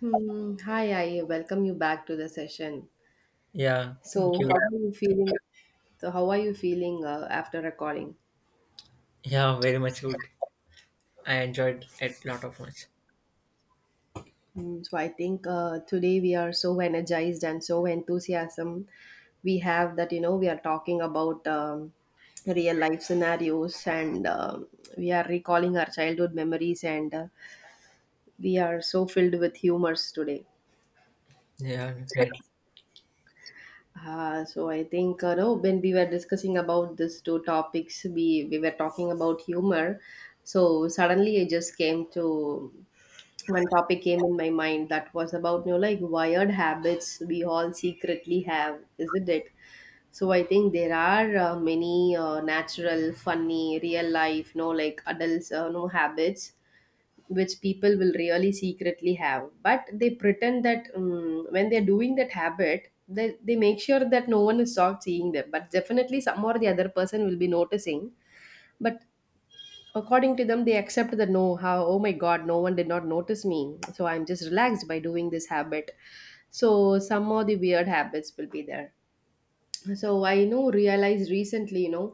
Hmm. Hi, I welcome you back to the session. Yeah, thank So, how you. are you feeling? So, how are you feeling after recording? Yeah, very much good. I enjoyed it lot of much. So, I think today we are so energized and so enthusiasm we have that you know we are talking about real life scenarios and we are recalling our childhood memories and we are so filled with humors today. Yeah, definitely. So I think no, when we were discussing about these two topics, we were talking about humor. So suddenly I just came to one topic came in my mind that was about you know like wired habits we all secretly have, isn't it? So I think there are many natural, funny, real life, no like adults, no habits which people will really secretly have but they pretend that when they're doing that habit they make sure that no one is not seeing them but definitely some or the other person will be noticing but according to them they accept that no how, oh my god, no one did not notice me, so I'm just relaxed by doing this habit. So some of the weird habits will be there. So I know realized recently, you know,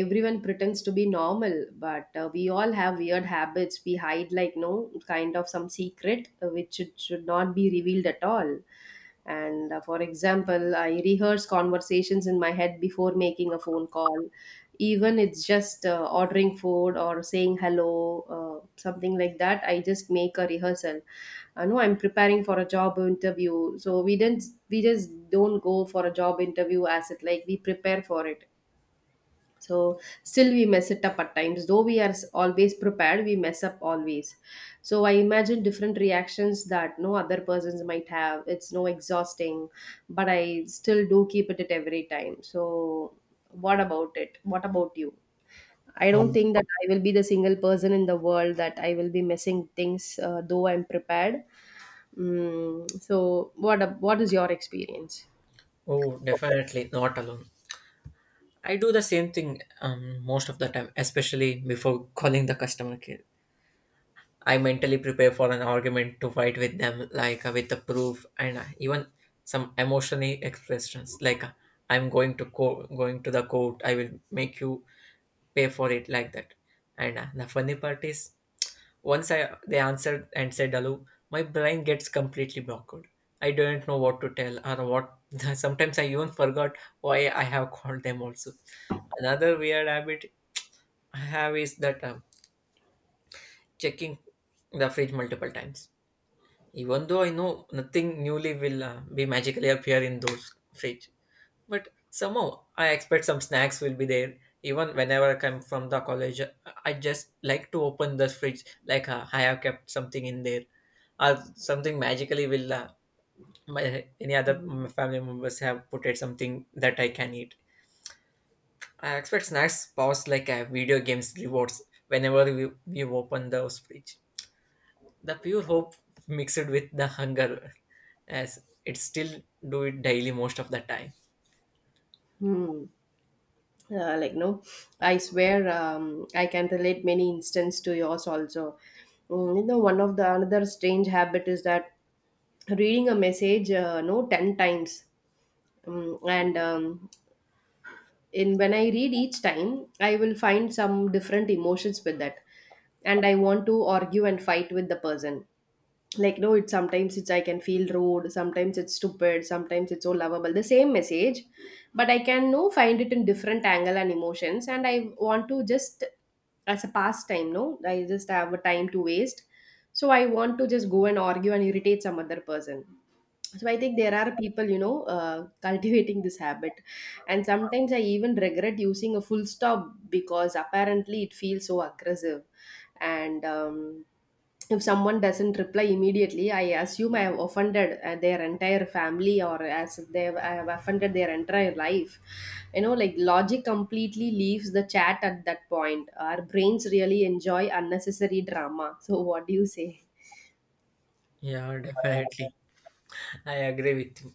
everyone pretends to be normal but we all have weird habits we hide like no kind of some secret which it should not be revealed at all. And for example, I rehearse conversations in my head before making a phone call, even it's just ordering food or saying hello, something like that, I just make a rehearsal. I know I'm preparing for a job interview, so we didn't, we just don't go for a job interview as it, like we prepare for it. So still we mess it up at times, though we are always prepared we mess up always. So I imagine different reactions that no other persons might have, it's no exhausting, but I still do keep it at every time. So what about it, what about you? I don't Oh, think that I will be the single person in the world that I will be messing things, though I'm prepared. So what is your experience? oh, definitely not alone. I do the same thing most of the time, especially before calling the customer care. I mentally prepare for an argument to fight with them, like with the proof and even some emotionally expressions, like I'm going to going to the court. I will make you pay for it, like that. And the funny part is, once I they answered and said hello, my brain gets completely blocked. I don't know what to tell or what. Sometimes I even forgot why I have called them. Also, another weird habit I have is that checking the fridge multiple times. Even though I know nothing newly will be magically appear in those fridge, but somehow I expect some snacks will be there. Even whenever I come from the college, I just like to open the fridge, like I have kept something in there, or something magically will my any other family members have put it something that I can eat. I expect snacks, pause like video games rewards whenever we open those fridge. The pure hope mixed with the hunger as it still do it daily most of the time. Hmm. Uh, like no, I swear, I can relate many instances to yours also. Mm, you know, one of the another strange habit is that reading a message no 10 times, mm, and in when I read each time, I will find some different emotions with that, and I want to argue and fight with the person like no, it sometimes it's, I can feel rude, sometimes it's stupid, sometimes it's so lovable, the same message, but I can no find it in different angle and emotions and I want to just, as a pastime, no, I just have a time to waste, so I want to just go and argue and irritate some other person. So I think there are people, you know, cultivating this habit. And sometimes I even regret using a full stop because apparently it feels so aggressive. And if someone doesn't reply immediately I assume I have offended their entire family, or as if I have offended their entire life. You know, like logic completely leaves the chat at that point, our brains really enjoy unnecessary drama. So what do you say? Yeah, definitely. I agree with you.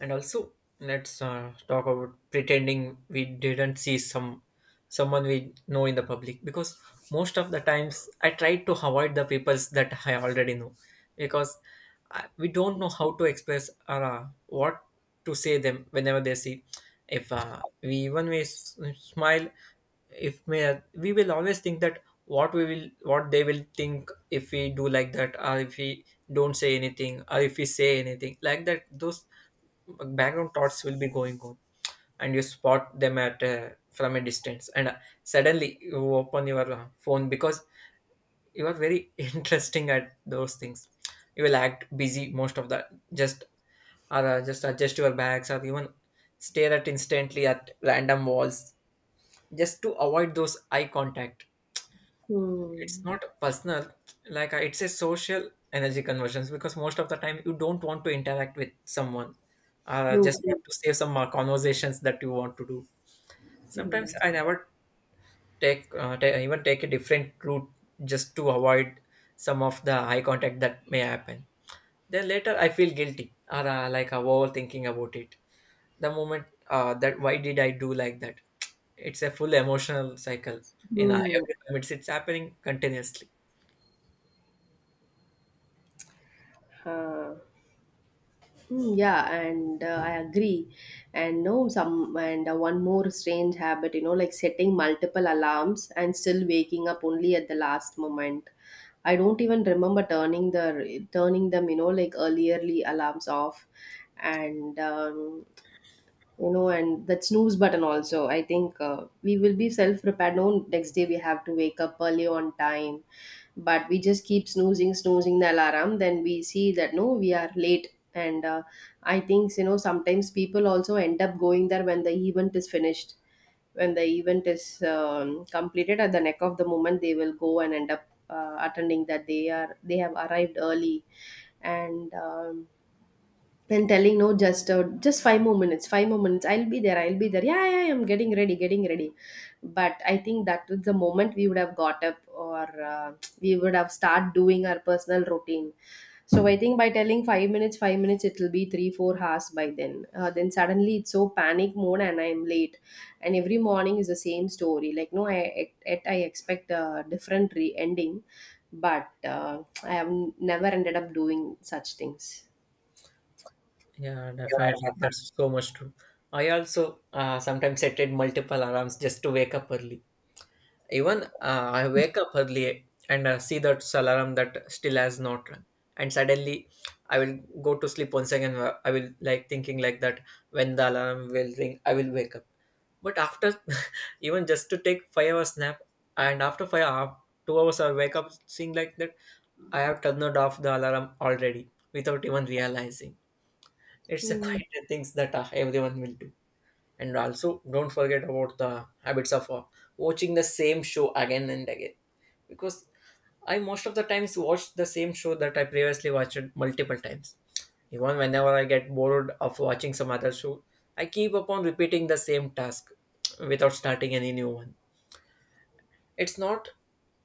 And also, let's talk about pretending we didn't see some someone we know in the public because most of the times I try to avoid the peoples that I already know because we don't know how to express or what to say them whenever they see. If we even we smile, if may we will always think that what we will what they will think if we do like that or if we don't say anything or if we say anything like that those background thoughts will be going on and you spot them at from a distance and suddenly you open your phone because you are very interesting at those things you will act busy most of the just or just adjust your bags or even stare at instantly at random walls just to avoid those eye contact. It's Hmm. not personal, like it's a social energy conversions because most of the time you don't want to interact with someone, True, just want true. to save some conversations that you want to do. Sometimes Hmm. I never take ta even take a different route just to avoid some of the eye contact that may happen. Then later I feel guilty, or like I'm overthinking about it the moment, that why did I do like that. It's a full emotional cycle. In Hmm. every time it's happening continuously. Huh. Mm, yeah, and I agree. And no, some and one more strange habit, you know, like setting multiple alarms and still waking up only at the last moment. I don't even remember turning the turning them, you know, like earlierly alarms off. And you know, and that snooze button also, I think we will be self prepared, no, next day we have to wake up early on time, but we just keep snoozing the alarm, then we see that no, we are late. And I think, you know, sometimes people also end up going there when the event is finished, when the event is completed, at the neck of the moment they will go and end up attending that they are, they have arrived early. And then telling no, just five more minutes, five more minutes. I'll be there. I'll be there. Yeah, yeah, yeah, I'm getting ready, getting ready. But I think that was the moment we would have got up, or we would have start doing our personal routine. So I think by telling 5 minutes, 5 minutes, it will be three, 4 hours by then. Then suddenly it's so panic mode and I am late. And every morning is the same story. Like no, I expect a different ending, but I have never ended up doing such things. Yeah, definitely. That's so much true. I also sometimes set multiple alarms just to wake up early. Even I wake up early and see that alarm that still has not rung, and suddenly I will go to sleep once again. I will like thinking like that, when the alarm will ring, I will wake up. But after even just to take 5 hours nap, and after 5 hours, 2 hours I wake up seeing like that I have turned off the alarm already without even realizing. It's the Mm. quieter things that everyone will do. And also, don't forget about the habits of watching the same show again and again. Because I most of the times watch the same show that I previously watched multiple times. Even whenever I get bored of watching some other show, I keep upon repeating the same task without starting any new one. It's not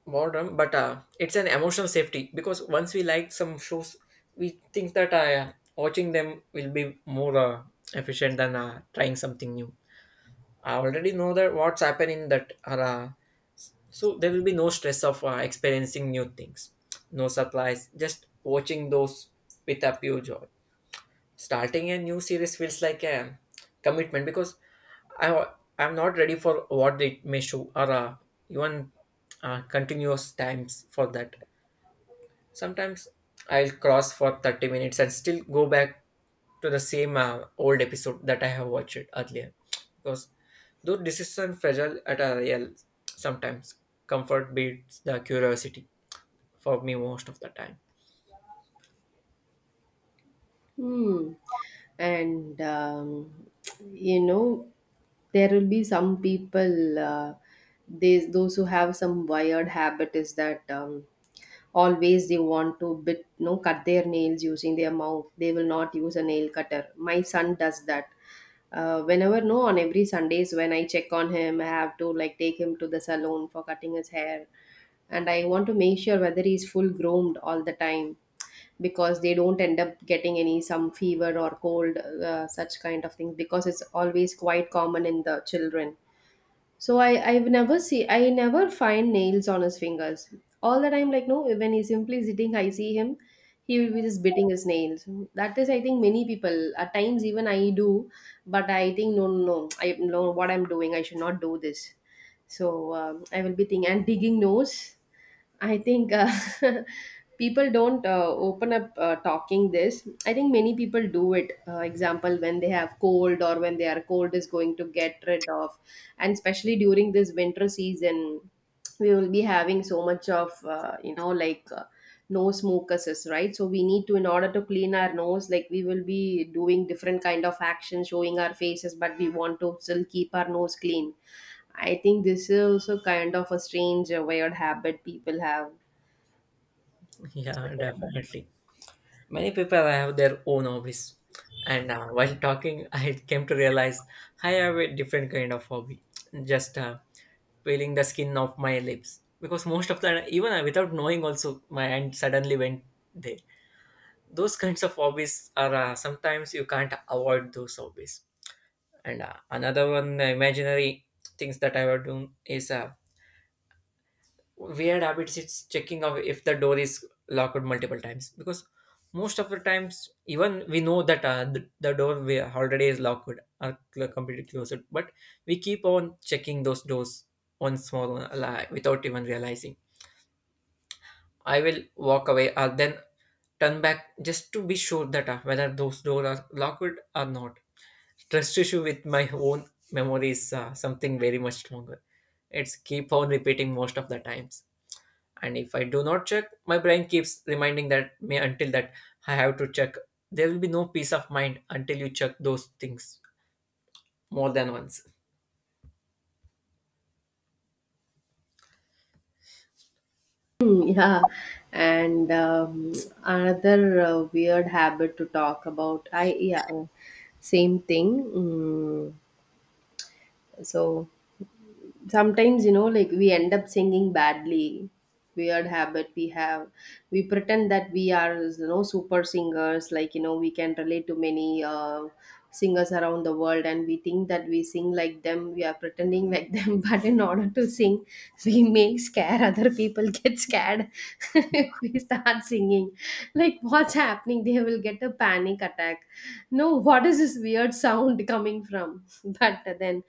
boredom, but it's an emotional safety because once we like some shows we think that watching them will be more efficient than trying something new. I already know that what's happening that are so there will be no stress of experiencing new things. No supplies, just watching those with a pure joy. Starting a new series feels like a commitment because I, I'm not ready for what it may show or even continuous times for that. Sometimes I'll cross for 30 minutes and still go back to the same old episode that I have watched earlier. Because though decision fragile at a real, sometimes comfort beats the curiosity for me most of the time. Hmm. And you know, there will be some people. They, those who have some wired habit is that always they want to bit, you know, cut their nails using their mouth. They will not use a nail cutter. My son does that. Whenever no, on every Sundays when I check on him, I have to like take him to the salon for cutting his hair, and I want to make sure whether he's full groomed all the time because they don't end up getting any some fever or cold, such kind of things, because it's always quite common in the children. So I've never see, I never find nails on his fingers all the time, like no, when he's simply sitting I see him, he will be just biting his nails. That is, I think many people at times, even I do, but I think no, no, no, I know what I'm doing, I should not do this. So I will be thinking and digging nose. I think people don't open up talking this, I think many people do it, example when they have cold or when their cold is going to get rid of. And especially during this winter season we will be having so much of you know, like nose mucuses, right? So we need to, in order to clean our nose, like we will be doing different kind of action showing our faces, but we want to still keep our nose clean. I think this is also kind of a strange, weird habit people have. Yeah, definitely. Many people have their own hobbies, and while talking, I came to realize I have a different kind of hobby. Just peeling the skin off my lips, because most of the even without knowing, also my hand suddenly went there. Those kinds of hobbies are sometimes you can't avoid those hobbies. And another one, the imaginary things that I would do is weird habits. It's checking of if the door is locked multiple times because most of the times even we know that the door we already is locked or completely closed, but we keep on checking those doors once more, like, without even realizing I will walk away or then turn back just to be sure that whether those doors are locked or not. Trust issue with my own memory is something very much stronger. It's keep on repeating most of the times, and if I do not check my brain keeps reminding that me until that I have to check. There will be no peace of mind until you check those things more than once. Mm, yeah, and another weird habit to talk about. I yeah, same thing. Mm, so sometimes you know like we end up singing badly, weird habit we have. We pretend that we are, you know, super singers, like you know, we can relate to many singers around the world and we think that we sing like them, we are pretending like them, but in order to sing we make scare, other people get scared, if we start singing like what's happening, they will get a panic attack, no, what is this weird sound coming from. But then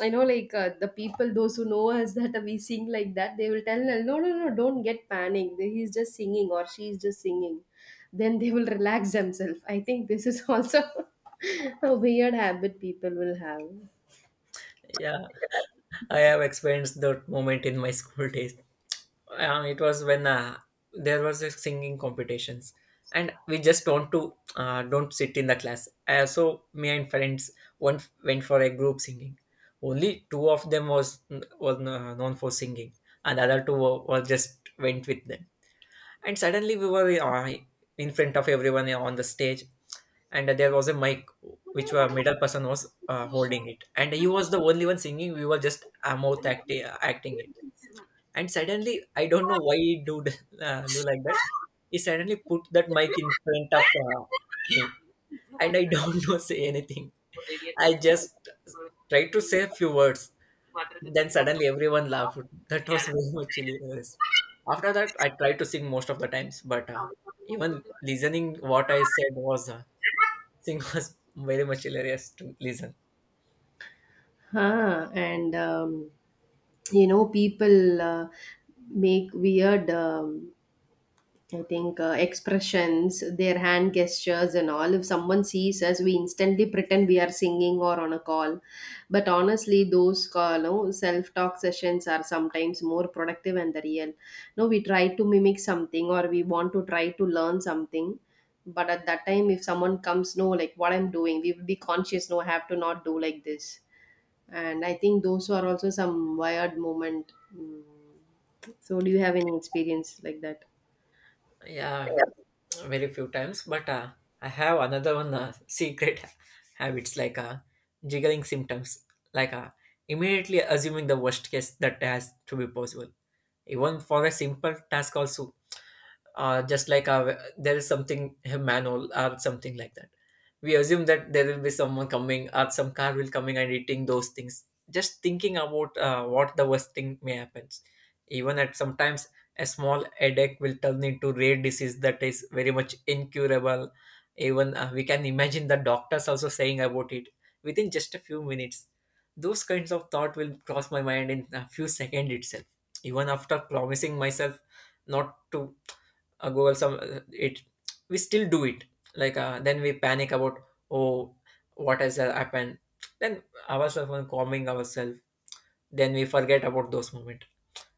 I know, like the people, those who know us that we sing like that, they will tell, no, no, no, don't get panic. He's just singing, or she's just singing. Then they will relax themselves. I think this is also a weird habit people will have. Yeah, I have experienced that moment in my school days. It was when there was a singing competitions, and we just don't to don't sit in the class, so me and friends one went for a group singing. Only two of them was known for singing, and the other two were just went with them. And suddenly we were in front of everyone on the stage, and there was a mic which a middle person was holding it, and he was the only one singing. We were just mouth acting it. And suddenly I don't know why he do, do like that. He suddenly put that mic in front of me, and I don't know say anything. I just tried to say a few words, then suddenly everyone laughed. That was very much hilarious. After that, I tried to sing most of the times, but even listening what I said was sing was very much hilarious to listen. Huh. And, you know, people make weird, I think, expressions, their hand gestures, and all. If someone sees us, we instantly pretend we are singing or on a call. But honestly, those call, no, self talk sessions are sometimes more productive and the real. No, we try to mimic something or we want to try to learn something. But at that time, if someone comes, no, like what I'm doing, we will be conscious, no, I have to not do like this. And I think those are also some wired moment. Mm. So, do you have any experience like that? Yeah, very few times, but I have another one secret habits, like jiggling symptoms, like immediately assuming the worst case that has to be possible. Even for a simple task, also just like our, there is something a manhole or something like that, we assume that there will be someone coming or some car will coming and eating those things, just thinking about what the worst thing may happen. Even at sometimes a small headache will turn into rare disease that is very much incurable. Even we can imagine the doctors also saying about it within just a few minutes. Those kinds of thought will cross my mind in a few seconds itself, even after promising myself not to google some it. We still do it, like then we panic about, oh, what has happened, then ourselves and calming ourselves, then we forget about those moments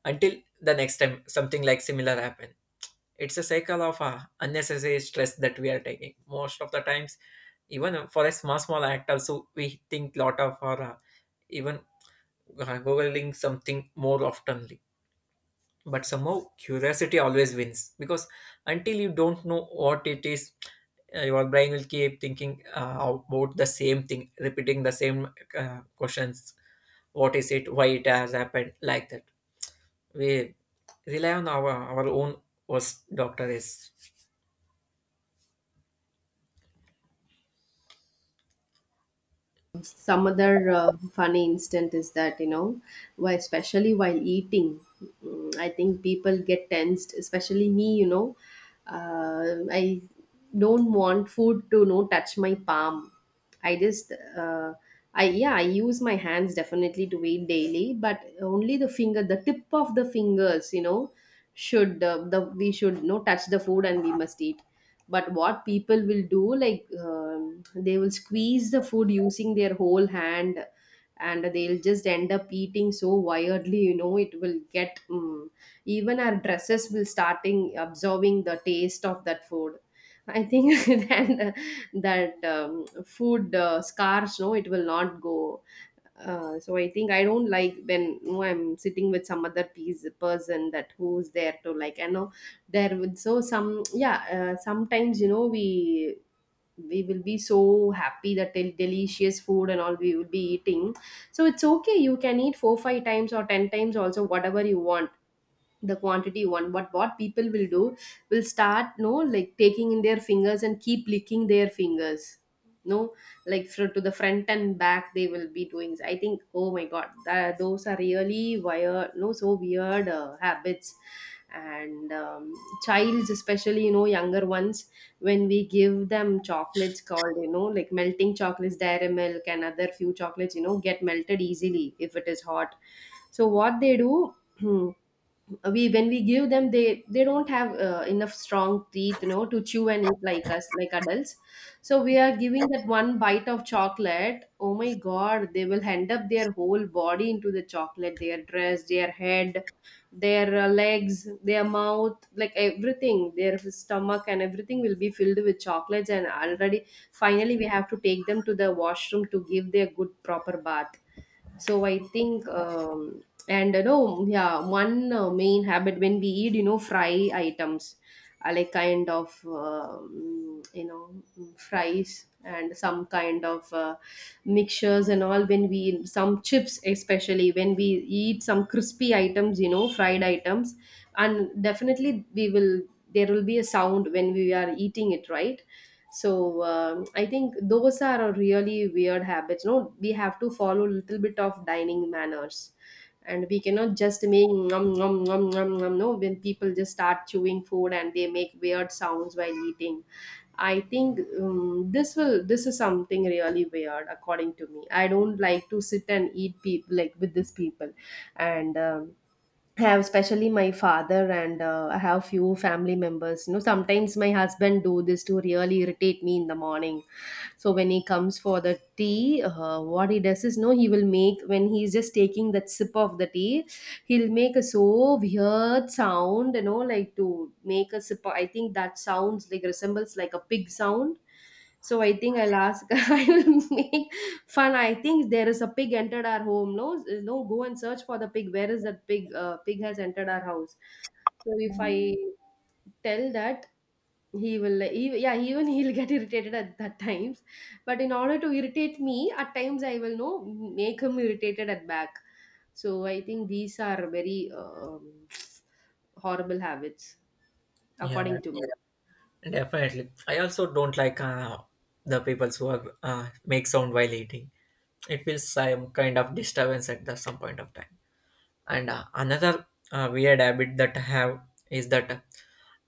until the next time something like similar happen. It's a cycle of unnecessary stress that we are taking most of the times, even for a small small act also we think lot of, or even googling something more often. But somehow curiosity always wins, because until you don't know what it is, your brain will keep thinking about the same thing, repeating the same questions, what is it, why it has happened like that. We rely on our own worst doctor is. Some other funny instant is that, why especially while eating. I think people get tensed, especially me. I don't want food to touch my palm. I just uh, I yeah, I use my hands definitely to eat daily, but only the tip of the fingers. Should The we should, touch the food, and we must eat. But what people will do, like, they will squeeze the food using their whole hand, and they'll just end up eating so wildly, it will get. Even our dresses will starting absorbing the taste of that food. I think that that food, scars, no, it will not go. So I think I don't like when, I'm sitting with some other piece, person that who's there to, like, you know. There would so some, yeah, sometimes, we will be so happy that delicious food and all we will be eating. So it's okay, you can eat four five times or 10 times also, whatever you want, the quantity one. But what people will do, will start, no, like, taking in their fingers and keep licking their fingers, no, like, to the front and back they will be doing. I think, oh my god, those are really weird, no, so weird habits. And Childs, especially, younger ones, when we give them chocolates called, like melting chocolates, dairy milk, and other few chocolates, get melted easily if it is hot. So what they do? We, when we give them, they don't have enough strong teeth, to chew and eat like us, like adults. So we are giving that one bite of chocolate, oh my god, they will hand up their whole body into the chocolate, their dress, their head, their legs, their mouth, like everything, their stomach, and everything will be filled with chocolates, and already, finally we have to take them to the washroom to give their good proper bath. So I think, and yeah, one main habit, when we eat, fry items, like, kind of, fries, and some kind of mixtures and all, when we some chips, especially when we eat some crispy items, fried items, and definitely we will, there will be a sound when we are eating it, right? So, I think those are a really weird habits, no, we have to follow a little bit of dining manners, and we cannot just make nom nom nom nom nom, no, when people just start chewing food and they make weird sounds while eating. I think, this is something really weird according to me. I don't like to sit and eat people, like, with these people. And I have, especially my father, and I have few family members. You know, sometimes my husband do this to really irritate me in the morning. So when he comes for the tea, what he does is, no, he will make when he's just taking that sip of the tea, he'll make a so weird sound, you know, like to make a sip. I think that sounds like resembles like a pig sound. So I think I'll ask. I will make fun. I think there is a pig entered our home. No, no, go and search for the pig. Where is that pig? Pig has entered our house. So if I tell that, he will, he, yeah, even he'll get irritated at that times. But in order to irritate me, at times I will know make him irritated at back. So I think these are very, horrible habits, Yeah, according to me. definitely. I also don't like the people who are, make sound while eating. It feels some kind of disturbance at the some point of time. And another weird habit that I have is that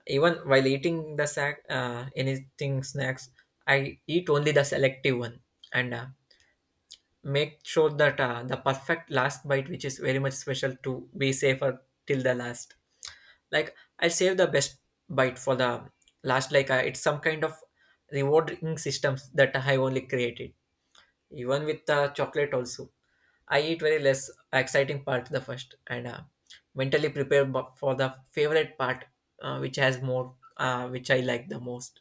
even while eating the sack, anything snacks, I eat only the selective one, and make sure that the perfect last bite, which is very much special to be safer till the last. Like I save the best bite for the last. Like it's some kind of rewarding systems that I only created. Even with the chocolate also, I eat very less exciting part the first and mentally prepare for the favorite part, which has more, which I like the most.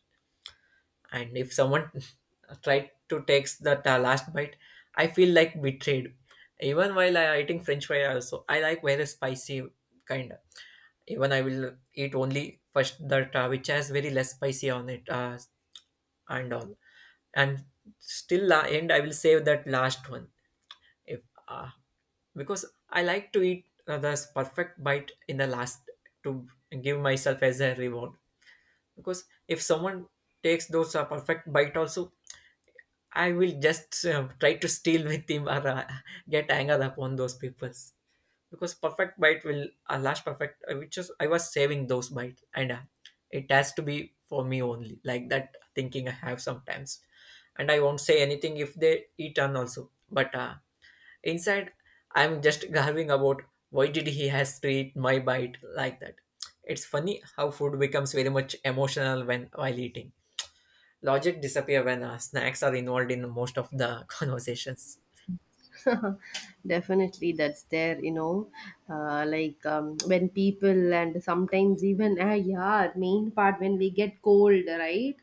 And if someone tried to take that last bite, I feel like betrayed. Even while I eating french fry also, I like very spicy kind. Even I will eat only first that which has very less spicy on it, and all, and still end I will save that last one if uh, because I like to eat this perfect bite in the last to give myself as a reward. Because if someone takes those perfect bite also, I will just try to steal with him or get angered upon those people. Because perfect bite will last perfect, which is I was saving those bite and it has to be for me only. Like that thinking I have sometimes, and I won't say anything if they eat on also. But Inside, I'm just gargling about why did he has treat my bite like that. It's funny how food becomes very much emotional when while eating. Logic disappear when snacks are involved in most of the conversations. Definitely, that's there, you know. Like, when people, and sometimes even, ah, yeah, main part when we get cold, right?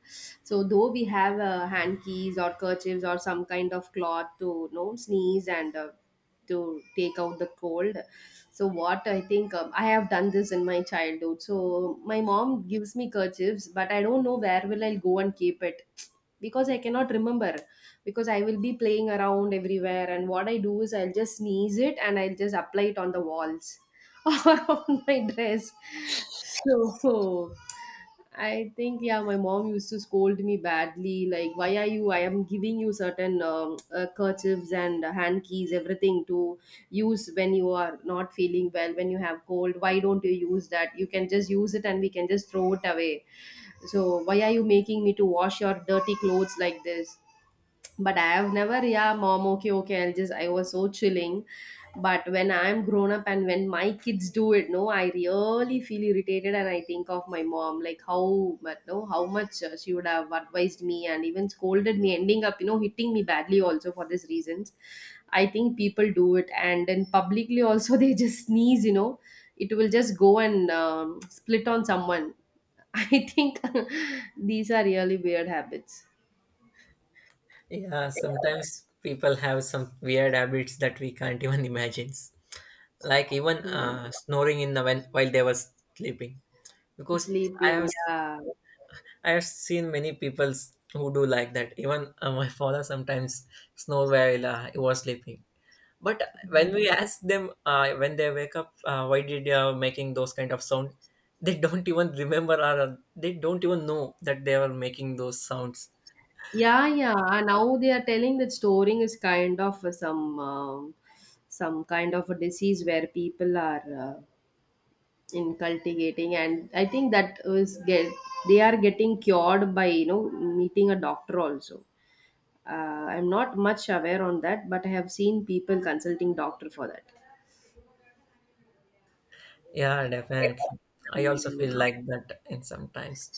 So, though we have hankies or kerchiefs or some kind of cloth to, you know, sneeze and to take out the cold. So, what I think, I have done this in my childhood. So, my mom gives me kerchiefs, but I don't know where will I go and keep it, because I cannot remember, because I will be playing around everywhere. And what I do is, I'll just sneeze it and I'll just apply it on the walls or on my dress. So I think, yeah, my mom used to scold me badly, like, why are you? I am giving you certain kerchiefs and hand keys, everything to use when you are not feeling well, when you have cold. Why don't you use that? You can just use it and we can just throw it away. So why are you making me to wash your dirty clothes like this? But I have never, yeah, mom, okay, okay, I'll just, I was so chilling. But when I'm grown up and when my kids do it, no, I really feel irritated, and I think of my mom, like, how, but no, how much she would have advised me and even scolded me, ending up, you know, hitting me badly also for these reasons. I think people do it, and then publicly also they just sneeze, you know, it will just go and split on someone. I think these are really weird habits. Yeah, sometimes people have some weird habits that we can't even imagine. Like even Hmm. Snoring in the when while they were sleeping. Because I have Sleeping, yeah. I have seen many people who do like that. Even my father sometimes snore while he was sleeping. But when we ask them when they wake up, why did you are making those kind of sound? They don't even remember, or they don't even know that they were making those sounds. Yeah, yeah. Now they are telling that storing is kind of some, some kind of a disease where people are inculcating, and I think that is get, they are getting cured by, you know, meeting a doctor also. Uh, I'm not much aware on that, but I have seen people consulting doctor for that. Yeah, definitely. I also Mm. feel like that in sometimes,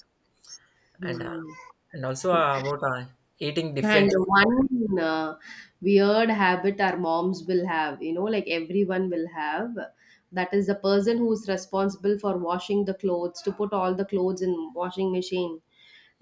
and uh, Mm. and also about eating And differently. one weird habit our moms will have, you know, like everyone will have, that is the person who is responsible for washing the clothes, to put all the clothes in washing machine.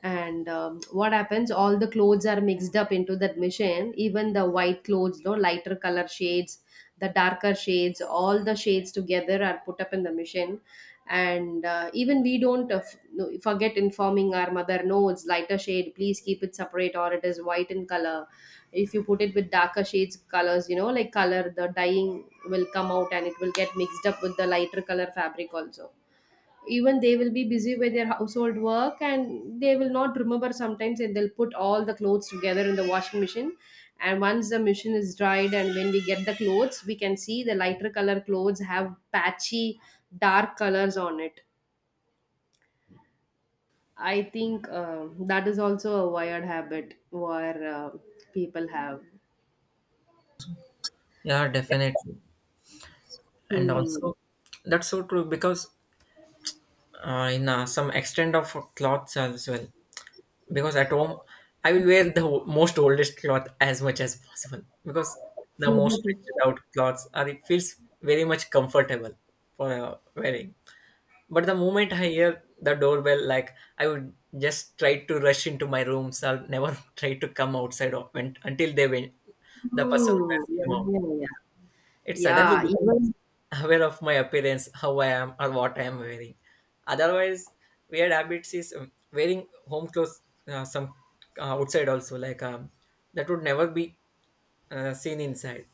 And what happens? All the clothes are mixed up into that machine, even the white clothes, no, lighter color shades, the darker shades, all the shades together are put up in the machine, and even we don't forget informing our mother, no, it's lighter shade, please keep it separate, or it is white in color. If you put it with darker shades colors, you know, like color, the dyeing will come out and it will get mixed up with the lighter color fabric also. Even they will be busy with their household work and they will not remember sometimes, and they'll put all the clothes together in the washing machine. And once the machine is dried and when we get the clothes, we can see the lighter color clothes have patchy dark colors on it. I think that is also a wired habit where people have. Yeah, definitely, and Hmm. also that's so true because in some extent of clothes as well. Because at home I will wear the most oldest cloth as much as possible, because the most stretched out cloths are, it feels very much comfortable for wearing. But the moment I hear the doorbell, like, I would just try to rush into my rooms. I'll never try to come outside of, when, until they went. The person Hmm. has came Yeah, out. yeah, yeah. It suddenly Yeah, becomes even. aware of my appearance, how I am, or what I am wearing. Otherwise, weird habits is wearing home clothes, some outside also, like that would never be seen inside.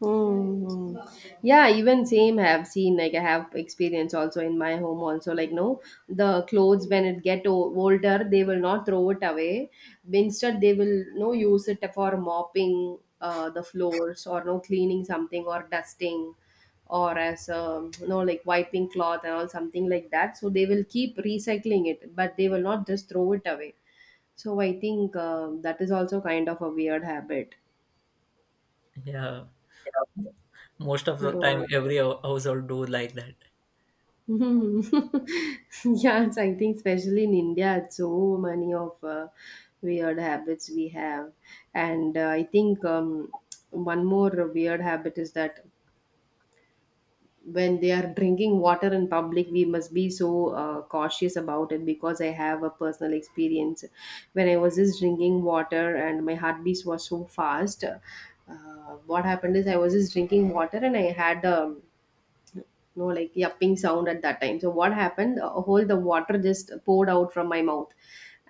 Mm. Yeah, even same have seen, like I have experience also in my home also, like, no, the clothes when it get older, they will not throw it away, instead they will, no, use it for mopping the floors, or no, cleaning something or dusting, or as, you know, like wiping cloth and all, something like that. So they will keep recycling it, but they will not just throw it away. So I think that is also kind of a weird habit. Yeah, most of the Uh, time, every household do like that. Hmm. Yes, I think especially in India, it's so many of weird habits we have, and I think, one more weird habit is that when they are drinking water in public, we must be so cautious about it, because I have a personal experience. When I was just drinking water and my heartbeats was so fast. What happened is, I was just drinking water and I had, no, like yapping sound at that time. So what happened, whole the water just poured out from my mouth,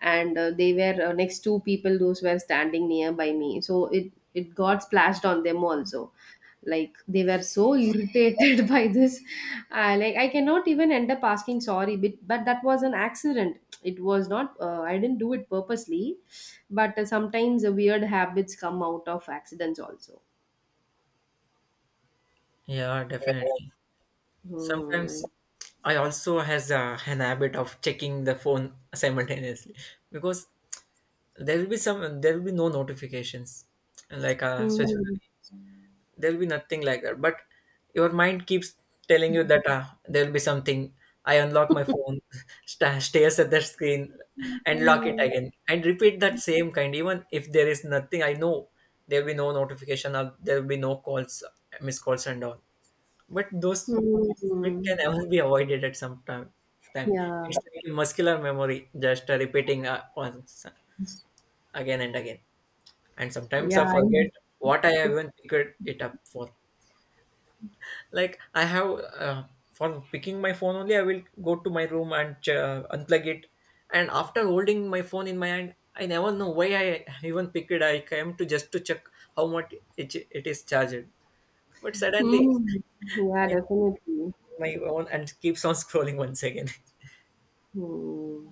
and they were, next two people those were standing nearby me, so it got splashed on them also, like they were so irritated by this. Like, I cannot even end up asking sorry, but that was an accident. It was not, I didn't do it purposely. But sometimes weird habits come out of accidents also. Yeah, definitely. Hmm. Sometimes I also has an habit of checking the phone simultaneously, because there will be no notifications, like specific, Hmm. there'll be nothing like that, but your mind keeps telling you that ah, there'll be something. I unlock my phone, stares at the screen and lock it Hmm. again and repeat that same kind, even if there is nothing, I know there'll be no notification or there'll be no calls, missed calls and all. But those, it Hmm. can ever be avoided at some time. Yeah, It's like muscular memory, just repeating once, again and again. And sometimes yeah, I I- forget what I have even picked it up for. Like I have uh, for picking my phone only, I will go to my room and unplug it. And after holding my phone in my hand, I never know why I even pick it. I came to just to check how much it is charged, but suddenly Hmm. Yeah, I pick definitely. my own and keeps on scrolling once again. Hmm.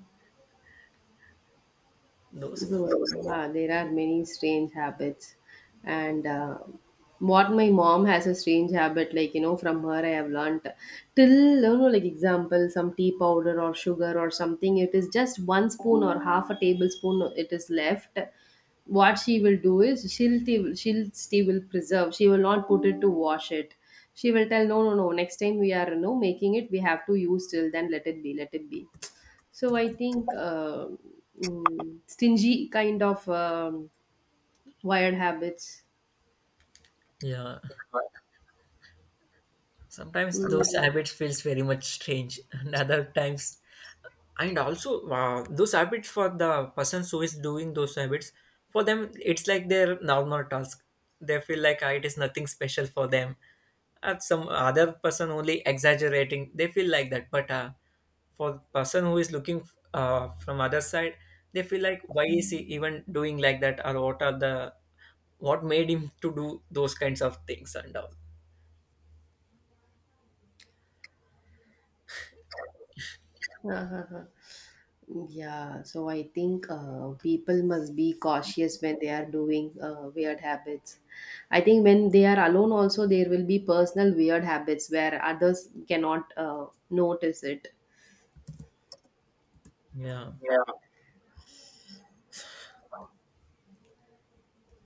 Those, Dude, yeah, there are many strange habits. And what my mom has a strange habit, like, you know, from her I have learnt, till, you know, like example, some tea powder or sugar or something, it is just one spoon or half a tablespoon it is left. What she will do is, she'll still will preserve. She will not put it to wash it. She will tell, no, no, no, next time we are, you know, making it, we have to use, till then, let it be, let it be. So I think stingy kind of, wired habits. yeah, sometimes those Mm, habits feels very much strange and other times. And also those habits for the persons who is doing those habits, for them it's like their normal task. They feel like ah, it is nothing special for them. At some other person only exaggerating, they feel like that. But for person who is looking from other side, they feel like, why is he even doing like that, or what are the what made him to do those kinds of things and all. uh-huh. Yeah, so I think people must be cautious when they are doing weird habits. I think when they are alone, also there will be personal weird habits where others cannot notice it. Yeah.